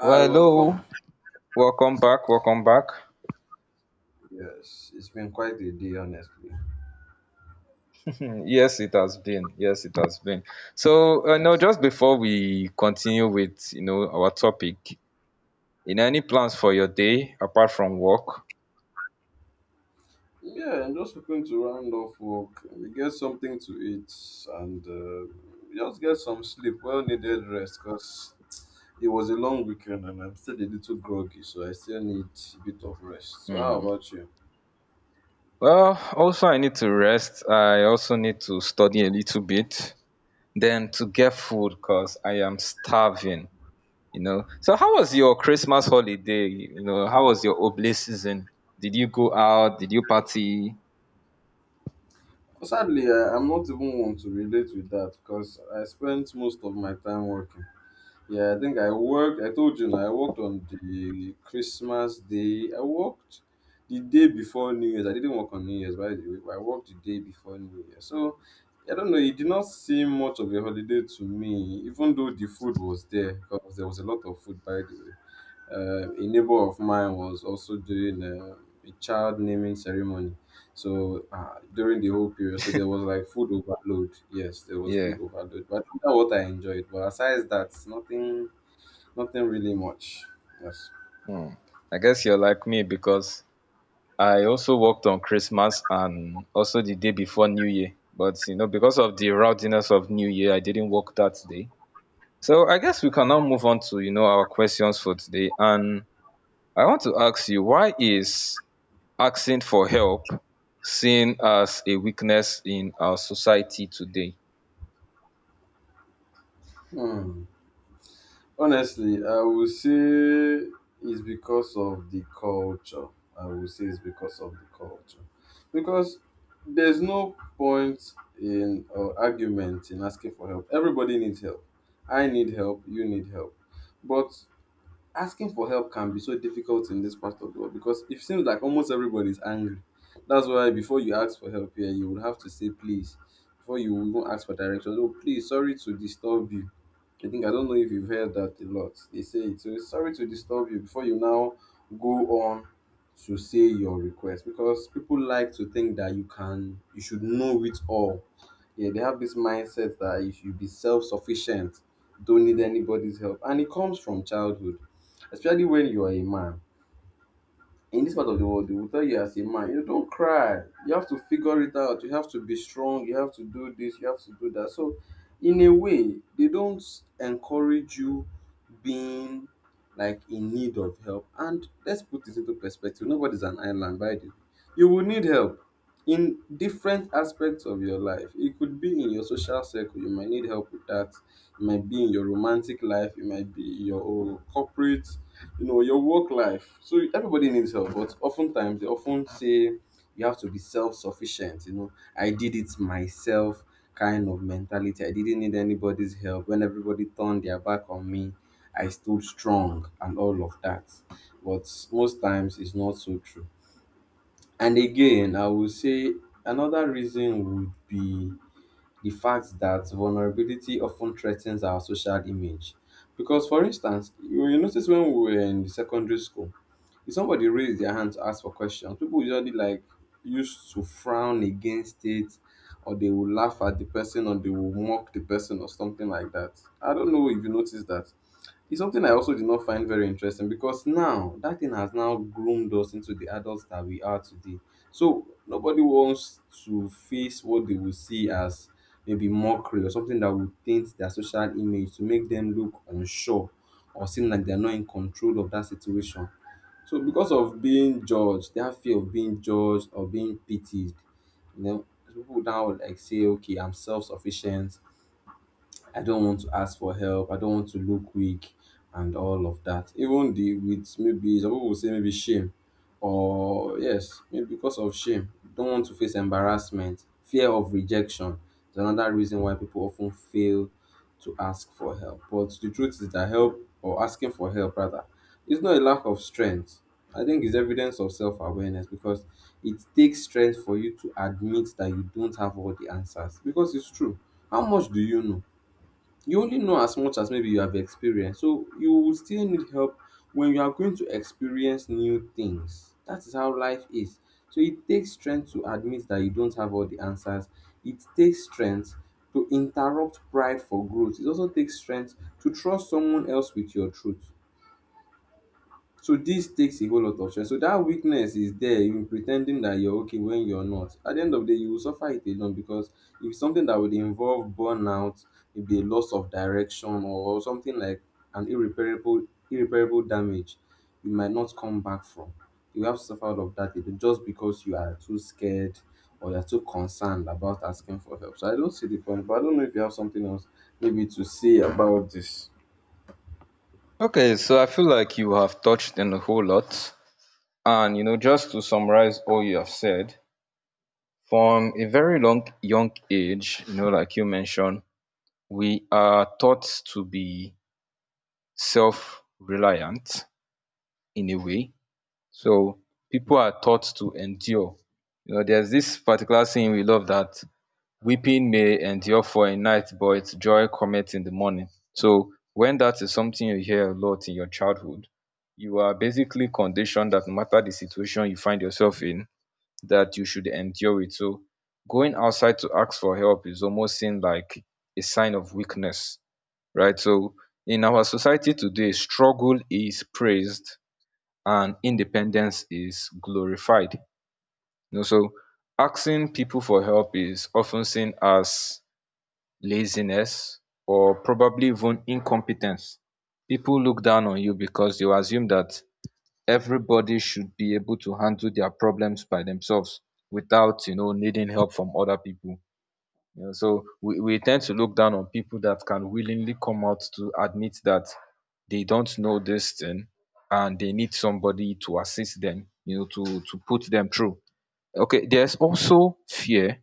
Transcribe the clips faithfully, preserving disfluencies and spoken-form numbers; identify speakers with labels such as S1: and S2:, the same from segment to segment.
S1: Hi,
S2: Well, hello,
S1: welcome.
S2: welcome back, welcome back.
S1: Yes, it's been quite a day, honestly.
S2: Hmm, yes, it has been. Yes, it has been. So, uh, now just before we continue with you know our topic, you know, any plans for your day apart from work?
S1: Yeah, I'm just hoping to round off work. We get something to eat and uh, just get some sleep, well needed rest, because it was a long weekend and I'm still a little groggy, so I still need a bit of rest. So, how
S2: Hmm.
S1: about you?
S2: Well, also I need to rest. I also need to study a little bit, then to get food because I am starving. You know. So, how was your Christmas holiday? You know, how was your oblate season? Did you go out? Did you party?
S1: Sadly, I, I'm not even one to relate with that because I spent most of my time working. Yeah, I think I worked. I told you now. I worked on the Christmas day. I worked the day before New Year's. I didn't work on New Year's, by the way. But I worked the day before New Year. So I don't know. It did not seem much of a holiday to me, even though the food was there because there was a lot of food, by the way. Uh, a neighbor of mine was also doing uh, a child naming ceremony. So uh, during the whole period, so there was like food overload. Yes, there was food
S2: Yeah.
S1: overload, but that's what I enjoyed. But aside that, nothing, nothing really much. Yes.
S2: Hmm. I guess you're like me because I also worked on Christmas and also the day before New Year, but you know, because of the rowdiness of New Year, I didn't work that day. So I guess we can now move on to you know our questions for today. And I want to ask you, why is asking for help seen as a weakness in our society today?
S1: Hmm. Honestly, I would say it's because of the culture. I would say it's because of the culture. Because there's no point in or argument in asking for help. Everybody needs help. I need help, you need help. But asking for help can be so difficult in this part of the world because it seems like almost everybody is angry. That's why before you ask for help here, you would have to say please. Before you even ask for directions, oh please, sorry to disturb you. I think I don't know if you've heard that a lot. They say it. So sorry to disturb you before you now go on to say your request because people like to think that you can, you should know it all. Yeah, they have this mindset that you should be self-sufficient, don't need anybody's help, and it comes from childhood especially when you are a man. In this part of the world, they will tell you as a man, you know, don't cry. You have to figure it out. You have to be strong. You have to do this. You have to do that. So, in a way, they don't encourage you being like in need of help. And let's put this into perspective. Nobody's an island, by the way. You will need help in different aspects of your life. It could be in your social circle. You might need help with that. It might be in your romantic life. It might be in your own corporate, you know your work life. So everybody needs help, but oftentimes they often say you have to be self-sufficient, you know I did it myself kind of mentality. I didn't need anybody's help. When everybody turned their back on me, I stood strong and all of that. But most times it's not so true. And again, I would say another reason would be the fact that vulnerability often threatens our social image, because for instance, you, you notice when we were in secondary school, if somebody raise their hand to ask for questions, people usually like used to frown against it, or they will laugh at the person, or they will mock the person or something like that. I don't know if you noticed that. It's something I also did not find very interesting because now that thing has now groomed us into the adults that we are today. So nobody wants to face what they will see as maybe mockery or something that would taint their social image, to make them look unsure or seem like they're not in control of that situation. So because of being judged, that fear of being judged or being pitied, you know, people now like say, okay, I'm self sufficient, I don't want to ask for help. I don't want to look weak and all of that. Even the with maybe some people will say maybe shame or yes, maybe because of shame. Don't want to face embarrassment, fear of rejection. It's another reason why people often fail to ask for help. But the truth is that help or asking for help rather is not a lack of strength. I think it's evidence of self-awareness because it takes strength for you to admit that you don't have all the answers. Because it's true. How much do you know? You only know as much as maybe you have experienced. So you will still need help when you are going to experience new things. That is how life is. So it takes strength to admit that you don't have all the answers. It takes strength to interrupt pride for growth. It also takes strength to trust someone else with your truth. So this takes a whole lot of stress. So that weakness is there in pretending that you're okay when you're not. At the end of the day, you will suffer it alone because if it's something that would involve burnout, maybe a loss of direction or something like an irreparable irreparable damage, you might not come back from. You have suffered of that alone just because you are too scared or you're too concerned about asking for help. So I don't see the point, but I don't know if you have something else maybe to say about this.
S2: Okay, so I feel like you have touched on a whole lot, and you know, just to summarize all you have said, from a very long young age, you know, like you mentioned, we are taught to be self-reliant in a way. So people are taught to endure. You know, there's this particular saying we love, that weeping may endure for a night but joy cometh in the morning. So when that is something you hear a lot in your childhood, you are basically conditioned that no matter the situation you find yourself in, that you should endure it. So going outside to ask for help is almost seen like a sign of weakness, right? So in our society today, struggle is praised and independence is glorified. You know, so asking people for help is often seen as laziness or probably even incompetence. People look down on you because they will assume that everybody should be able to handle their problems by themselves without you know needing help from other people. You know, so we, we tend to look down on people that can willingly come out to admit that they don't know this thing and they need somebody to assist them, you know, to to put them through. Okay, there's also fear,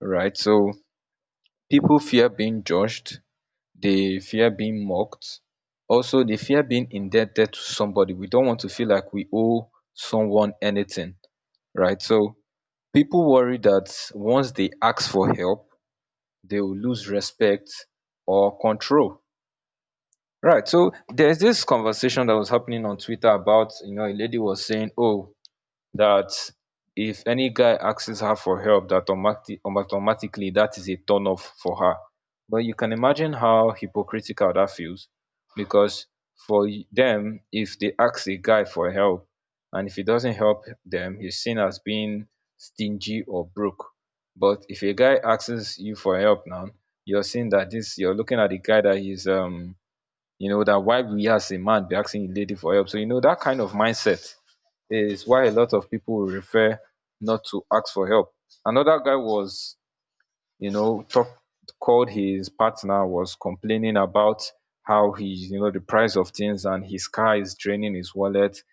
S2: right? So people fear being judged, they fear being mocked, also they fear being indebted to somebody. We don't want to feel like we owe someone anything, right? So people worry that once they ask for help, they will lose respect or control, right? So there's this conversation that was happening on Twitter about, you know, a lady was saying, oh, that if any guy asks her for help, that automatic automatically that is a turn off for her. But you can imagine how hypocritical that feels, because for y- them, if they ask a guy for help and if he doesn't help them, he's seen as being stingy or broke. But if a guy asks you for help now, you're seeing that this, you're looking at the guy that is um you know, that why we as a man be asking a lady for help. So you know, that kind of mindset is why a lot of people refer not to ask for help. Another guy was, you know, talk, called his partner was complaining about how he, you know, the price of things and his car is draining his wallet.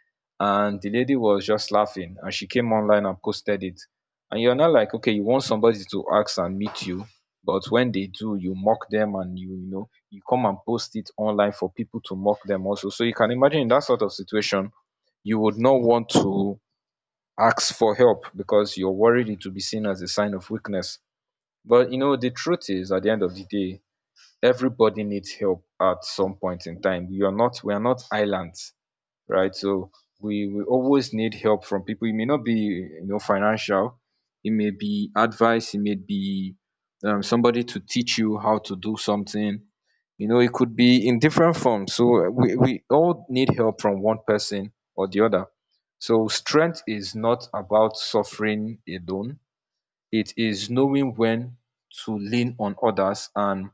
S2: And the lady was just laughing and she came online and posted it. And you're not like, okay, you want somebody to ask and meet you, but when they do, you mock them and you, you know, you come and post it online for people to mock them also. So you can imagine in that sort of situation, you would not want to ask for help because you're worried it will be seen as a sign of weakness. But you know, the truth is at the end of the day, everybody needs help at some point in time. We are not we are not islands, right? So we, we always need help from people. It may not be, you know, financial, it may be advice, it may be, um, somebody to teach you how to do something. You know, it could be in different forms. So we, we all need help from one person or the other. So strength is not about suffering alone. It is knowing when to lean on others and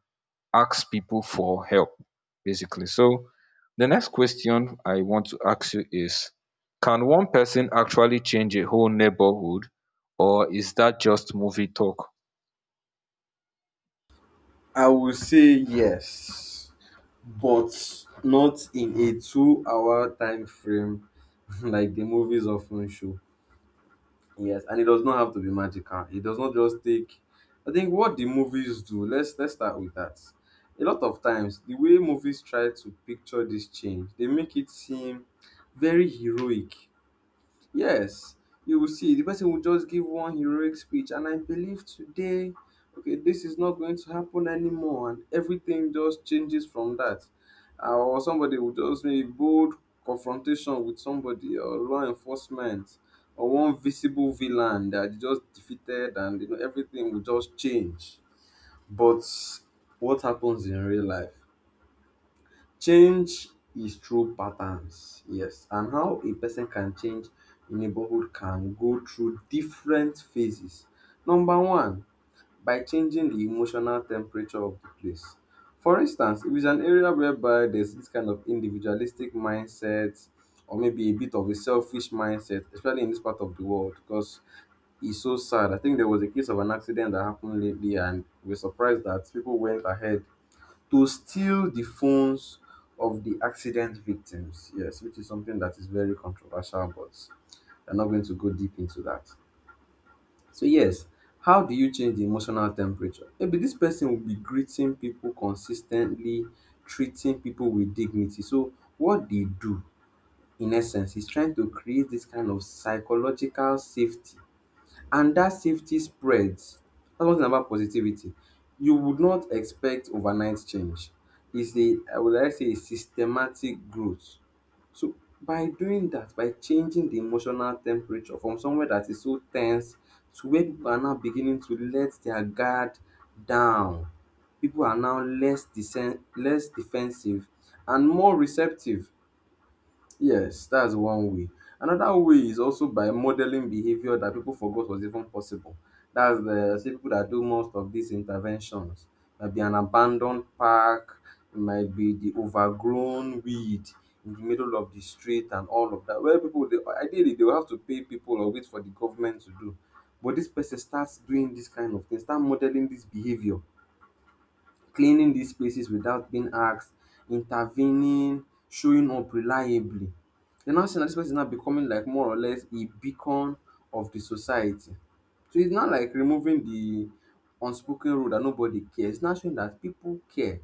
S2: ask people for help, basically. So the next question I want to ask you is, can one person actually change a whole neighborhood, or is that just movie talk?
S1: I will say yes, but not in a two-hour time frame like the movies often show. Yes, and it does not have to be magical. It does not just take. I think what the movies do. Let's let's start with that. A lot of times, the way movies try to picture this change, they make it seem very heroic. Yes, you will see the person will just give one heroic speech, and I believe today, okay, this is not going to happen anymore, and everything just changes from that. Uh, or somebody will just make bold confrontation with somebody, or law enforcement, or one visible villain that you just defeated, and you know everything will just change. But what happens in real life? Change is through patterns, yes, and how a person can change a neighborhood can go through different phases. Number one, by changing the emotional temperature of the place. For instance, if it's an area whereby there's this kind of individualistic mindset or maybe a bit of a selfish mindset, especially in this part of the world, because it's so sad. I think there was a case of an accident that happened lately, and we're surprised that people went ahead to steal the phones of the accident victims. Yes, which is something that is very controversial, but I'm not going to go deep into that. So, yes, how do you change the emotional temperature? Maybe this person will be greeting people consistently, treating people with dignity. So, what they do, in essence, is trying to create this kind of psychological safety, and that safety spreads. That's one thing about positivity. You would not expect overnight change. It's a, I would like to say, a systematic growth. So by doing that, by changing the emotional temperature from somewhere that is so tense to where people are now beginning to let their guard down, people are now less, desen- less defensive and more receptive. Yes, that's one way. Another way is also by modeling behavior that people forgot was even possible. That's the say people that do most of these interventions. Might be an abandoned park, it might be the overgrown weed in the middle of the street and all of that. Where people they ideally they will have to pay people or wait for the government to do. But this person starts doing this kind of thing, start modeling this behavior, cleaning these places without being asked, intervening, showing up reliably. They now see that this person is now becoming like more or less a beacon of the society. So it's not like removing the unspoken rule that nobody cares. It's not showing that people care.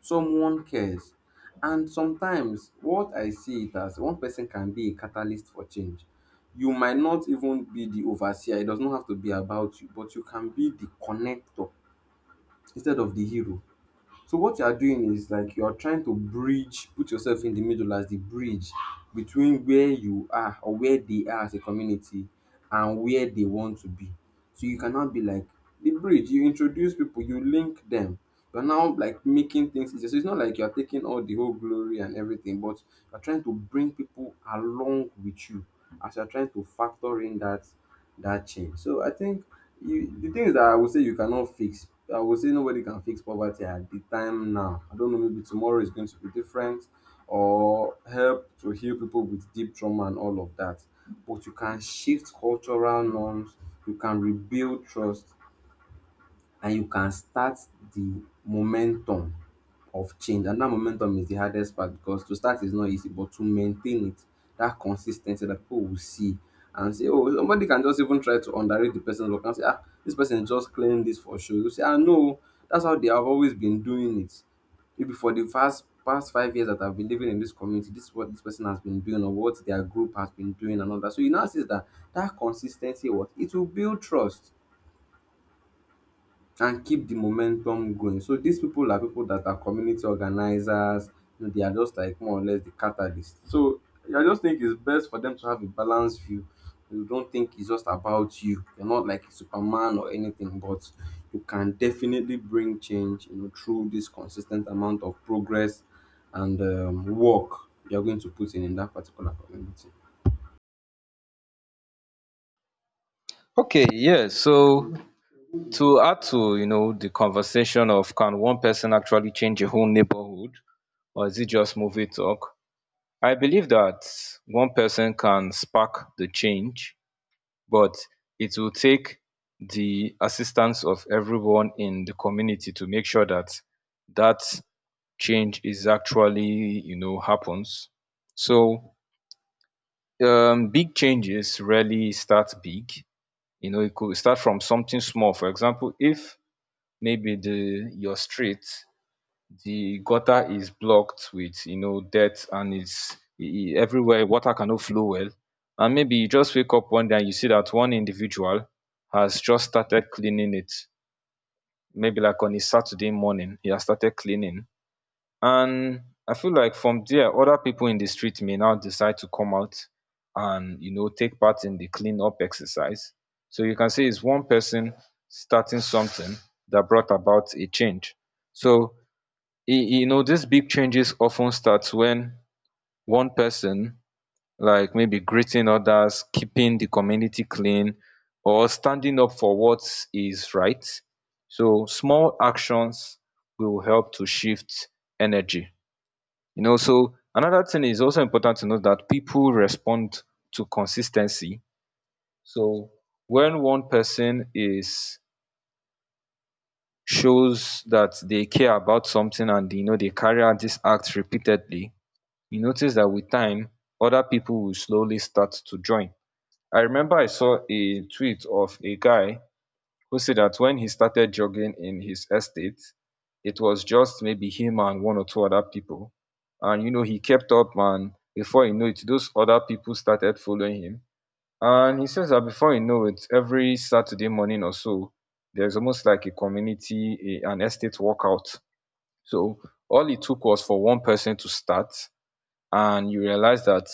S1: Someone cares. And sometimes what I see it as one person can be a catalyst for change. You might not even be the overseer. It does not have to be about you, but you can be the connector instead of the hero. So what you are doing is like you are trying to bridge, put yourself in the middle as the bridge between where you are or where they are as a community and where they want to be. So you cannot be like the bridge. You introduce people, you link them. You're now like making things easier. So it's not like you're taking all the whole glory and everything, but you're trying to bring people along with you as you're trying to factor in that that change. So I think you the things that I would say you cannot fix, I would say nobody can fix poverty at the time now. I don't know, maybe tomorrow is going to be different or help to heal people with deep trauma and all of that. But you can shift cultural norms, you can rebuild trust, and you can start the momentum of change. And that momentum is the hardest part, because to start is not easy, but to maintain it, that consistency that people will see and say, oh, somebody can just even try to underrate the person's work and say, ah, this person just clearing this for show, you say, ah no, that's how they have always been doing it. Maybe for the past past five years that I've been living in this community, this is what this person has been doing or what their group has been doing and all that. So you now see that that consistency what it will build trust and keep the momentum going. So these people are people that are community organizers. You know, they are just like more or less the catalyst. So I just think it's best for them to have a balanced view. You don't think it's just about you. You're not like Superman or anything, but you can definitely bring change. You know, through this consistent amount of progress and um, work you're going to put in in that particular community.
S2: Okay, yeah. So to add to, you know, the conversation of, can one person actually change a whole neighborhood, or is it just movie talk? I believe that one person can spark the change, but it will take the assistance of everyone in the community to make sure that that change is actually, you know, happens. So um, big changes rarely start big. You know, it could start from something small. For example, if maybe the your street, the gutter is blocked with, you know, dirt and it's e- e- everywhere water cannot flow well, and maybe you just wake up one day and you see that one individual has just started cleaning it, maybe like on a Saturday morning. He has started cleaning, and I feel like from there, other people in the street may now decide to come out and, you know, take part in the clean up exercise. So you can say it's one person starting something that brought about a change. So you e know, these big changes often starts when one person, like maybe greeting others, keeping the community clean, or standing up for what is right. So small actions will help to shift energy. You know, so another thing is also important to note, that people respond to consistency. So when one person is shows that they care about something, and you know, they carry out this act repeatedly, you notice that with time, other people will slowly start to join. I remember I saw a tweet of a guy who said that when he started jogging in his estate, it was just maybe him and one or two other people, and you know, he kept up, and before you know it, those other people started following him. And he says that before you know it, every Saturday morning or so, there's almost like a community, a, an estate workout. So all it took was for one person to start, and you realize that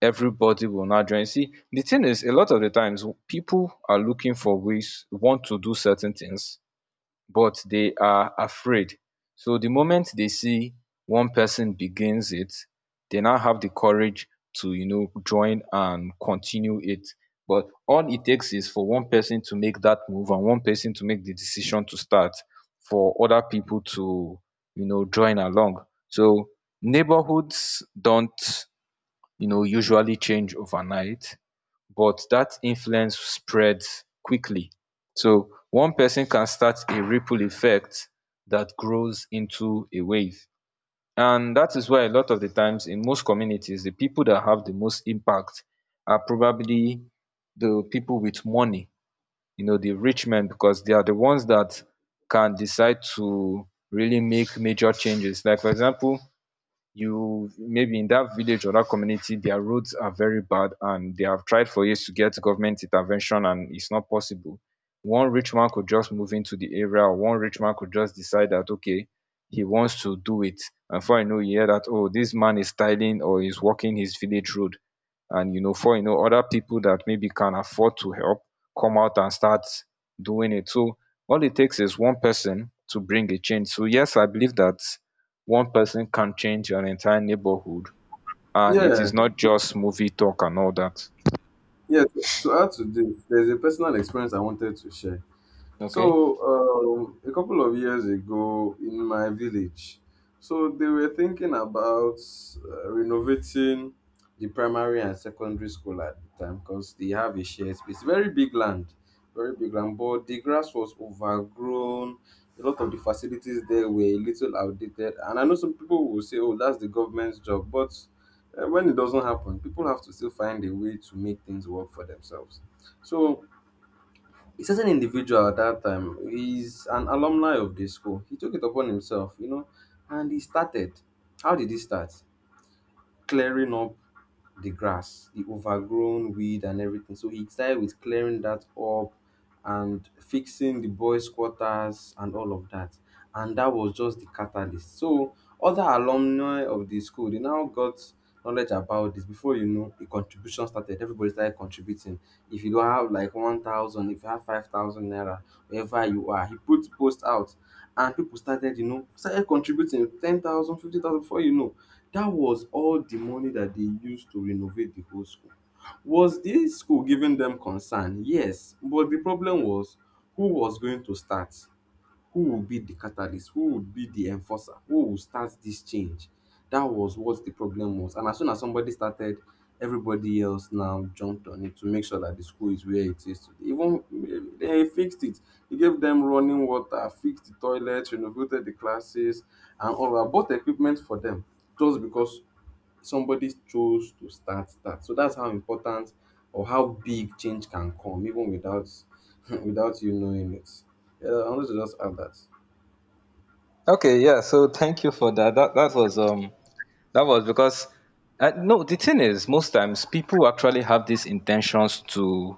S2: everybody will not join. See, the thing is, a lot of the times w- people are looking for ways, want to do certain things, but they are afraid. So the moment they see one person begins it, they now have the courage to, you know, join and continue it. But all it takes is for one person to make that move, and one person to make the decision to start, for other people to, you know, join along. So neighborhoods don't, you know, usually change overnight, but that influence spreads quickly. So one person can start a ripple effect that grows into a wave. And that is why a lot of the times in most communities, the people that have the most impact are probably the people with money, you know, the rich men, because they are the ones that can decide to really make major changes. Like, for example, you maybe in that village or that community, their roads are very bad and they have tried for years to get government intervention and it's not possible. One rich man could just move into the area, or one rich man could just decide that okay, he wants to do it, and for you know, you hear that, oh, this man is tiling or is walking his village road. And you know, for you know, other people that maybe can afford to help come out and start doing it. So all it takes is one person to bring a change. So yes, I believe that one person can change an entire neighborhood, and it
S1: Yeah,
S2: is not just movie talk and all that.
S1: yeah. To to add to this, there's a personal experience I wanted to share.
S2: Okay.
S1: So, um, a couple of years ago in my village, so they were thinking about uh, renovating the primary and secondary school at the time, because they have a shared space, very big land, very big land, but the grass was overgrown. A lot of the facilities there were a little outdated, and I know some people will say, "Oh, that's the government's job," but uh, when it doesn't happen, people have to still find a way to make things work for themselves. So a certain individual at that time, he's an alumni of the school, he took it upon himself, you know, and he started, how did he start? Clearing up the grass, the overgrown weed and everything. So he started with clearing that up and fixing the boys' quarters and all of that. And that was just the catalyst. So other alumni of the school, they now got knowledge about this. Before you know, the contribution started. Everybody started contributing. If you don't have like one thousand, if you have five thousand naira, wherever you are, he put post out and people started, you know, started contributing ten thousand, fifty thousand. Before you know, that was all the money that they used to renovate the whole school. Was the school giving them concern? Yes, but the problem was, who was going to start? Who will be the catalyst? Who would be the enforcer? Who will start this change? That was what the problem was. And as soon as somebody started, everybody else now jumped on it to make sure that the school is where it is today. Even eh, they fixed it. They gave them running water, fixed the toilets, renovated the classes, and all that. Bought equipment for them just because somebody chose to start that. So that's how important or how big change can come, even without without you knowing it. Yeah, I wanted to just add that.
S2: Okay. Yeah. So thank you for that. That that was um that was because, uh, no, the thing is most times people actually have these intentions to,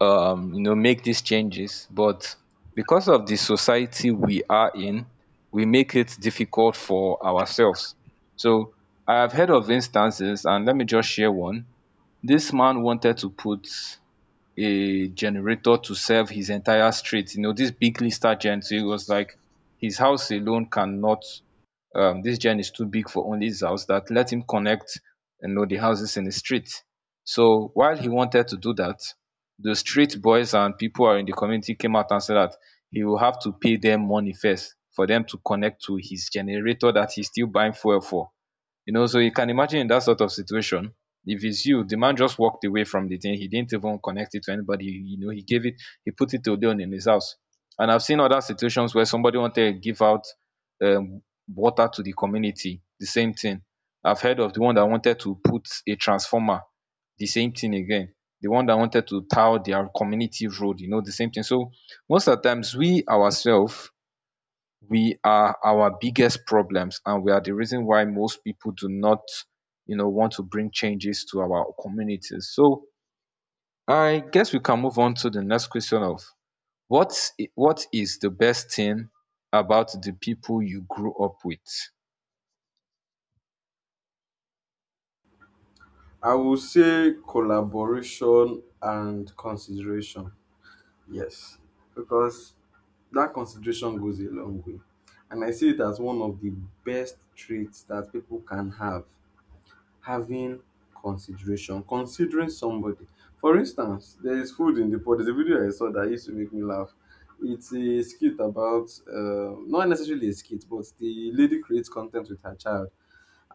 S2: um you know, make these changes, but because of the society we are in, we make it difficult for ourselves. So I have heard of instances, and let me just share one. This man wanted to put a generator to serve his entire street. You know, this big lister gen, so it was like his house alone cannot, um, this gen is too big for only his house, that let him connect, you know, the houses in the street. So while he wanted to do that, the street boys and people are in the community came out and said that he will have to pay them money first for them to connect to his generator that he's still buying fuel for. You know, so you can imagine in that sort of situation, if it's you, the man just walked away from the thing. He didn't even connect it to anybody. You know, he gave it, he put it to Odeon in his house. And I've seen other situations where somebody wanted to give out um, water to the community, the same thing. I've heard of the one that wanted to put a transformer, the same thing again. The one that wanted to tile their community road, you know, the same thing. So most of the times we ourselves we are our biggest problems and we are the reason why most people do not you know want to bring changes to our communities. So I guess we can move on to the next question of what i- what is the best thing about the people you grew up with.
S1: I will say collaboration and consideration. Yes, because that consideration goes a long way. And I see it as one of the best traits that people can have, having consideration, considering somebody. For instance, there is food in the pot. There's a video I saw that used to make me laugh. It's a skit about, uh, not necessarily a skit, but the lady creates content with her child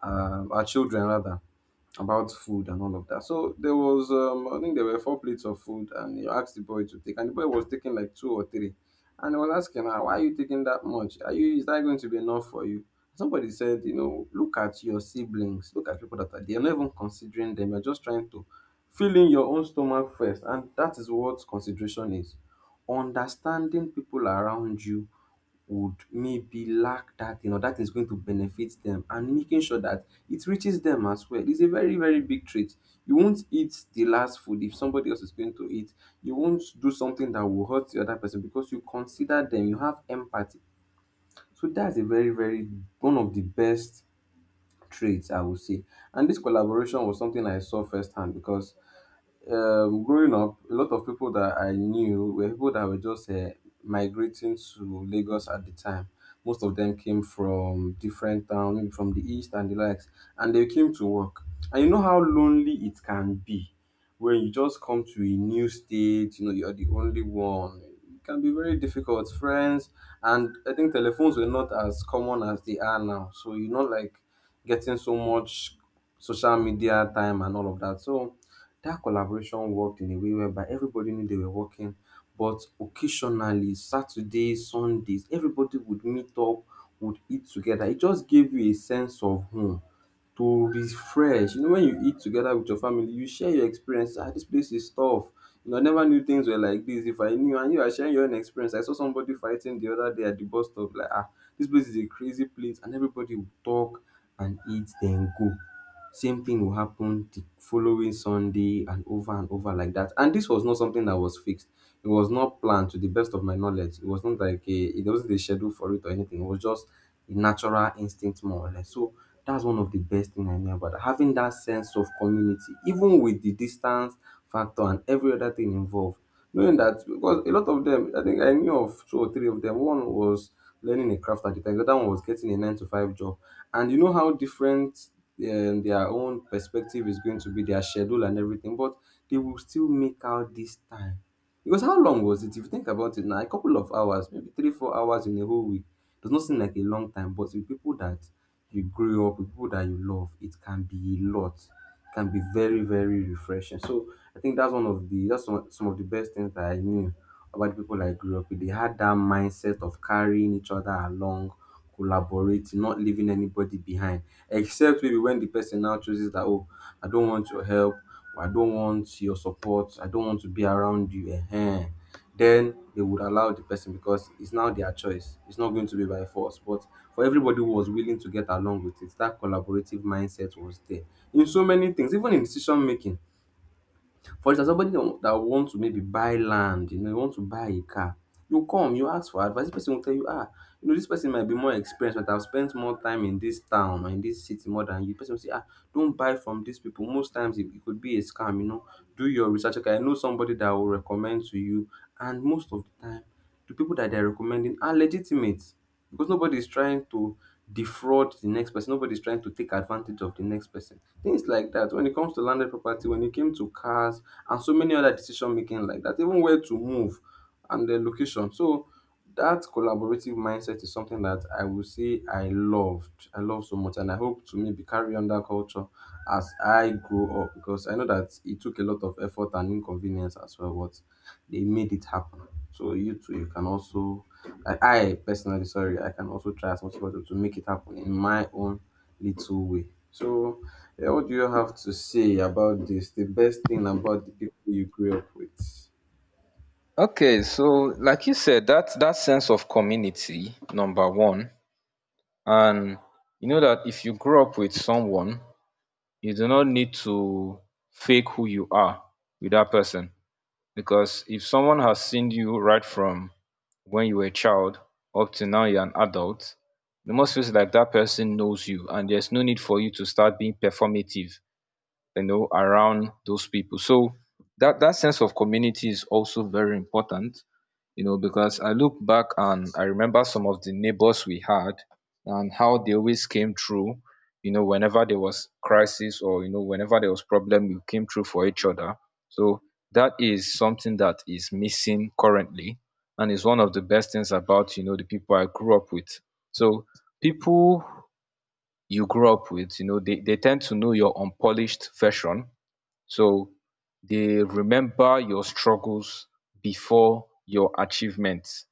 S1: um, our children rather, about food and all of that. So there was, um, I think there were four plates of food, and you asked the boy to take, and the boy was taking like two or three, and I was asking her, "Why are you taking that much? Are you Is that going to be enough for you?" Somebody said, "You know, look at your siblings, look at people that are there. You're not even considering them. You're just trying to fill in your own stomach first, and that is what consideration is." Understanding people around you would maybe lack that thing or that is going to benefit them, and making sure that it reaches them as well is a very very big trait. You won't eat the last food if somebody else is going to eat. You won't do something that will hurt the other person because you consider them, you have empathy. So that's a very very one of the best traits, I would say. And this collaboration was something I saw firsthand because um, growing up, a lot of people that I knew were people that were just uh, migrating to Lagos at the time. Most of them came from different towns, maybe from the east and the likes, and they came to work. And you know how lonely it can be when you just come to a new state, you know, you're the only one. It can be very difficult. Friends, and I think telephones were not as common as they are now. So you're not like getting so much social media time and all of that. So that collaboration worked in a way whereby everybody knew they were working, but occasionally, Saturdays, Sundays, everybody would meet up, would eat together. It just gave you a sense of home, to refresh. You know, when you eat together with your family, you share your experience. Ah, this place is tough. You know, I never knew things were like this. If I knew, and you are sharing your own experience. I saw somebody fighting the other day at the bus stop. Like, ah, this place is a crazy place, and everybody would talk and eat, then go. Same thing will happen the following Sunday and over and over like that. And this was not something that was fixed. It was not planned, to the best of my knowledge. It was not like a, it wasn't a schedule for it or anything. It was just a natural instinct, more or less. So that's one of the best thing I knew about that. Having that sense of community, even with the distance factor and every other thing involved. Knowing that, because a lot of them, I think I knew of two or three of them. One was learning a craft architect, the other one was getting a nine to five job. And you know how different um, their own perspective is going to be, their schedule and everything, but they will still make out this time, because how long was it? If you think about it now, a couple of hours, maybe three, four hours in a whole week does not seem like a long time, but with people that you grew up with, people that you love, it can be a lot. It can be very, very refreshing. So I think that's one of the that's one, some of the best things that I knew about the people I grew up with. They had that mindset of carrying each other along, collaborate, not leaving anybody behind. Except maybe when the person now chooses that, oh, I don't want your help, or I don't want your support, I don't want to be around you. Ehen. Then they would allow the person, because it's now their choice. It's not going to be by force. But for everybody who was willing to get along with it, that collaborative mindset was there. In so many things, even in decision making, for instance, somebody that that want to maybe buy land, you know, you want to buy a car, you come, you ask for advice, this person will tell you, ah, you know, this person might be more experienced, but I've spent more time in this town or in this city more than you. The person will say, ah, don't buy from these people. Most times it, it could be a scam, you know. Do your research. Okay, I know somebody that will recommend to you. And most of the time, the people that they're recommending are legitimate, because nobody is trying to defraud the next person, nobody is trying to take advantage of the next person, things like that, when it comes to landed property, when it came to cars and so many other decision making like that, even where to move and the location. So that collaborative mindset is something that I will say I loved. I love so much, and I hope to maybe carry on that culture as I grow up, because I know that it took a lot of effort and inconvenience as well, but they made it happen. So you too, you can also, like I personally, sorry, I can also try as much as possible to make it happen in my own little way. So, yeah, what do you have to say about this? The best thing about the people you grew up with?
S2: Okay, so like you said, that that sense of community number one, and you know that if you grow up with someone, you do not need to fake who you are with that person. Because if someone has seen you right from when you were a child up to now you're an adult, the most face it, like that person knows you and there's no need for you to start being performative, you know, around those people. So that, that sense of community is also very important, you know, because I look back and I remember some of the neighbors we had and how they always came through, you know, whenever there was crisis, or, you know, whenever there was problem, we came through for each other. So that is something that is missing currently and is one of the best things about, you know, the people I grew up with. So people you grew up with, you know, they, they tend to know your unpolished version, so they remember your struggles before your achievements.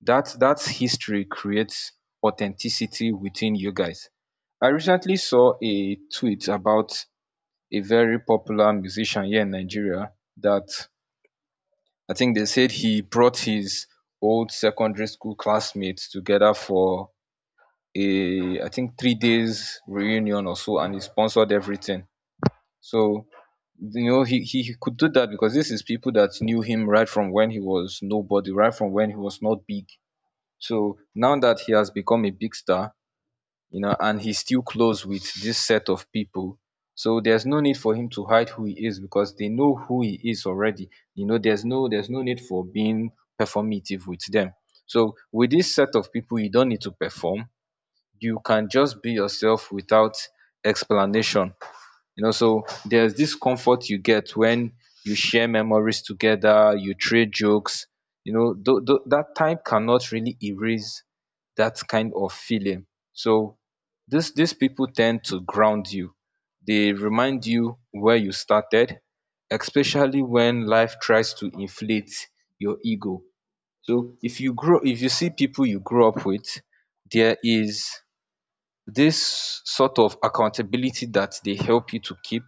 S2: That that history creates authenticity within you guys. I recently saw a tweet about a very popular musician here in Nigeria that I think they said he brought his old secondary school classmates together for a, I think, three days reunion or so, and he sponsored everything. So you know, he, he he could do that because this is people that knew him right from when he was nobody, right from when he was not big. So now that he has become a big star, you know, and he's still close with this set of people. So there's no need for him to hide who he is because they know who he is already. You know, there's no there's no need for being performative with them. So with this set of people, you don't need to perform. You can just be yourself without explanation. You know, so there's this comfort you get when you share memories together, you trade jokes. You know, tho- tho- that time cannot really erase that kind of feeling. So this these people tend to ground you. They remind you where you started, especially when life tries to inflate your ego. So if you grow if you see people you grew up with, there is this sort of accountability that they help you to keep,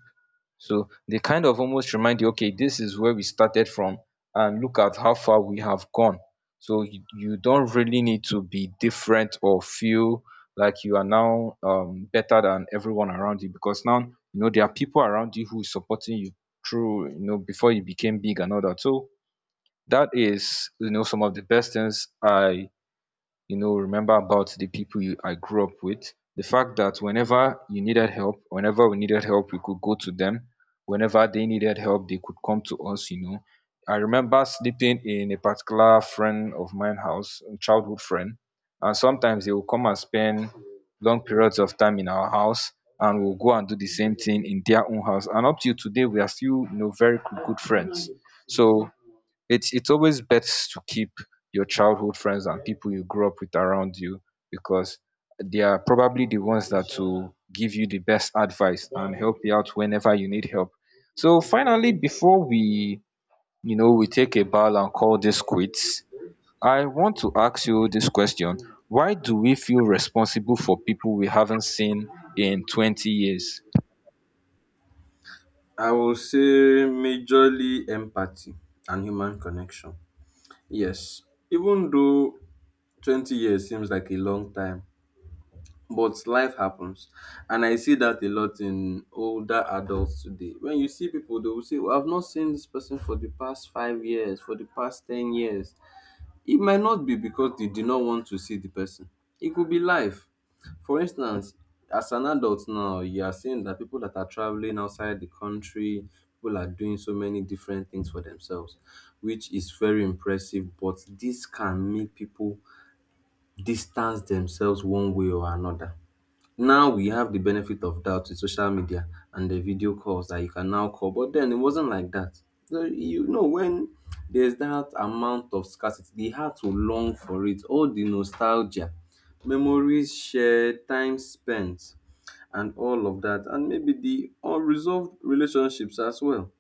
S2: so they kind of almost remind you, okay, this is where we started from, and look at how far we have gone. So you, you don't really need to be different or feel like you are now um, better than everyone around you, because now you know there are people around you who is supporting you through, you know, before you became big and all that. So that is, you know, some of the best things I, you know, remember about the people you, I grew up with. The fact that whenever you needed help, whenever we needed help, we could go to them. Whenever they needed help, they could come to us, you know. I remember sleeping in a particular friend of mine house, a childhood friend, and sometimes they will come and spend long periods of time in our house, and we'll go and do the same thing in their own house. And up till today, we are still, you know, very good good friends. So it's it's always best to keep your childhood friends and people you grew up with around you, because they are probably the ones that will give you the best advice and help you out whenever you need help. So finally, before we, you know, we take a bow and call this quits, I want to ask you this question: why do we feel responsible for people we haven't seen in twenty years?
S1: I will say majorly empathy and human connection. Yes, even though twenty years seems like a long time, but life happens. And I see that a lot in older adults today. When you see people, they will say, well, I've not seen this person for the past five years, for the past ten years. It might not be because they did not want to see the person. It could be life. For instance, as an adult now, you are seeing that people that are traveling outside the country, people are doing so many different things for themselves, which is very impressive. But this can make people distance themselves one way or another. Now we have the benefit of doubt with social media and the video calls that you can now call, but then it wasn't like that. So, you know, when there's that amount of scarcity, they had to long for it. All the nostalgia, memories shared, time spent, and all of that, and maybe the unresolved relationships as well.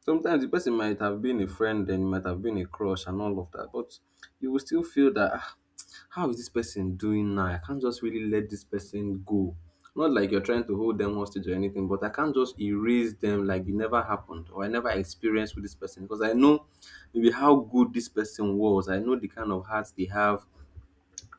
S1: Sometimes the person might have been a friend, then it might have been a crush and all of that, but you will still feel that, ah, how is this person doing now? I can't just really let this person go. Not like you're trying to hold them hostage or anything, but I can't just erase them like it never happened, or I never experienced with this person, because I know maybe how good this person was. I know the kind of hearts they have.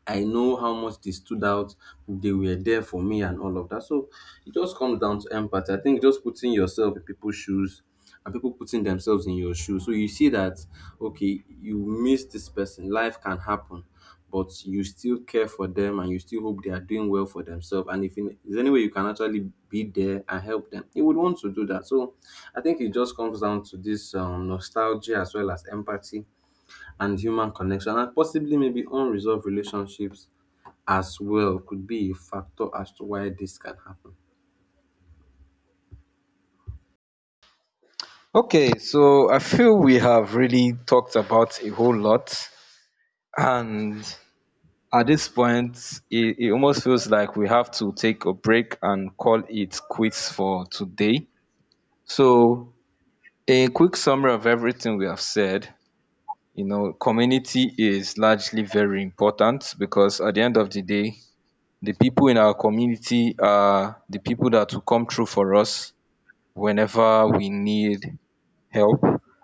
S1: I know how much they stood out, they were there for me and all of that. So it just comes down to empathy. I think just putting yourself in people's shoes and people putting themselves in your shoes. So you see that, okay, you miss this person, life can happen, but you still care for them and you still hope they are doing well for themselves. And if in- there's any way you can actually be there and help them, you would want to do that. So I think it just comes down to this um, nostalgia as well as empathy and human connection and possibly maybe unresolved relationships as well could be a factor as to why this can happen.
S2: Okay, so I feel we have really talked about a whole lot, and at this point, it, it almost feels like we have to take a break and call it quits for today. So, a quick summary of everything we have said, you know, community is largely very important because at the end of the day, the people in our community are the people that will come through for us whenever we need help.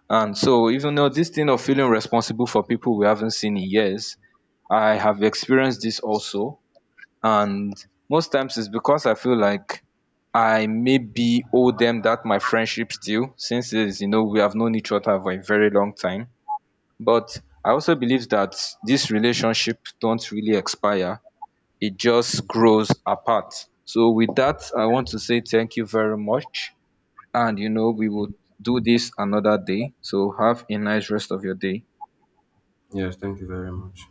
S2: And so, even though this thing of feeling responsible for people we haven't seen in years, I have experienced this also, and most times it's because I feel like I maybe owe them that my friendship still, since it is, you know, we have known each other for a very long time. But I also believe that this relationship don't really expire, it just grows apart. So with that, I want to say thank you very much, and you know, we will do this another day. So have a nice rest of your day.
S1: Yes, thank you very much.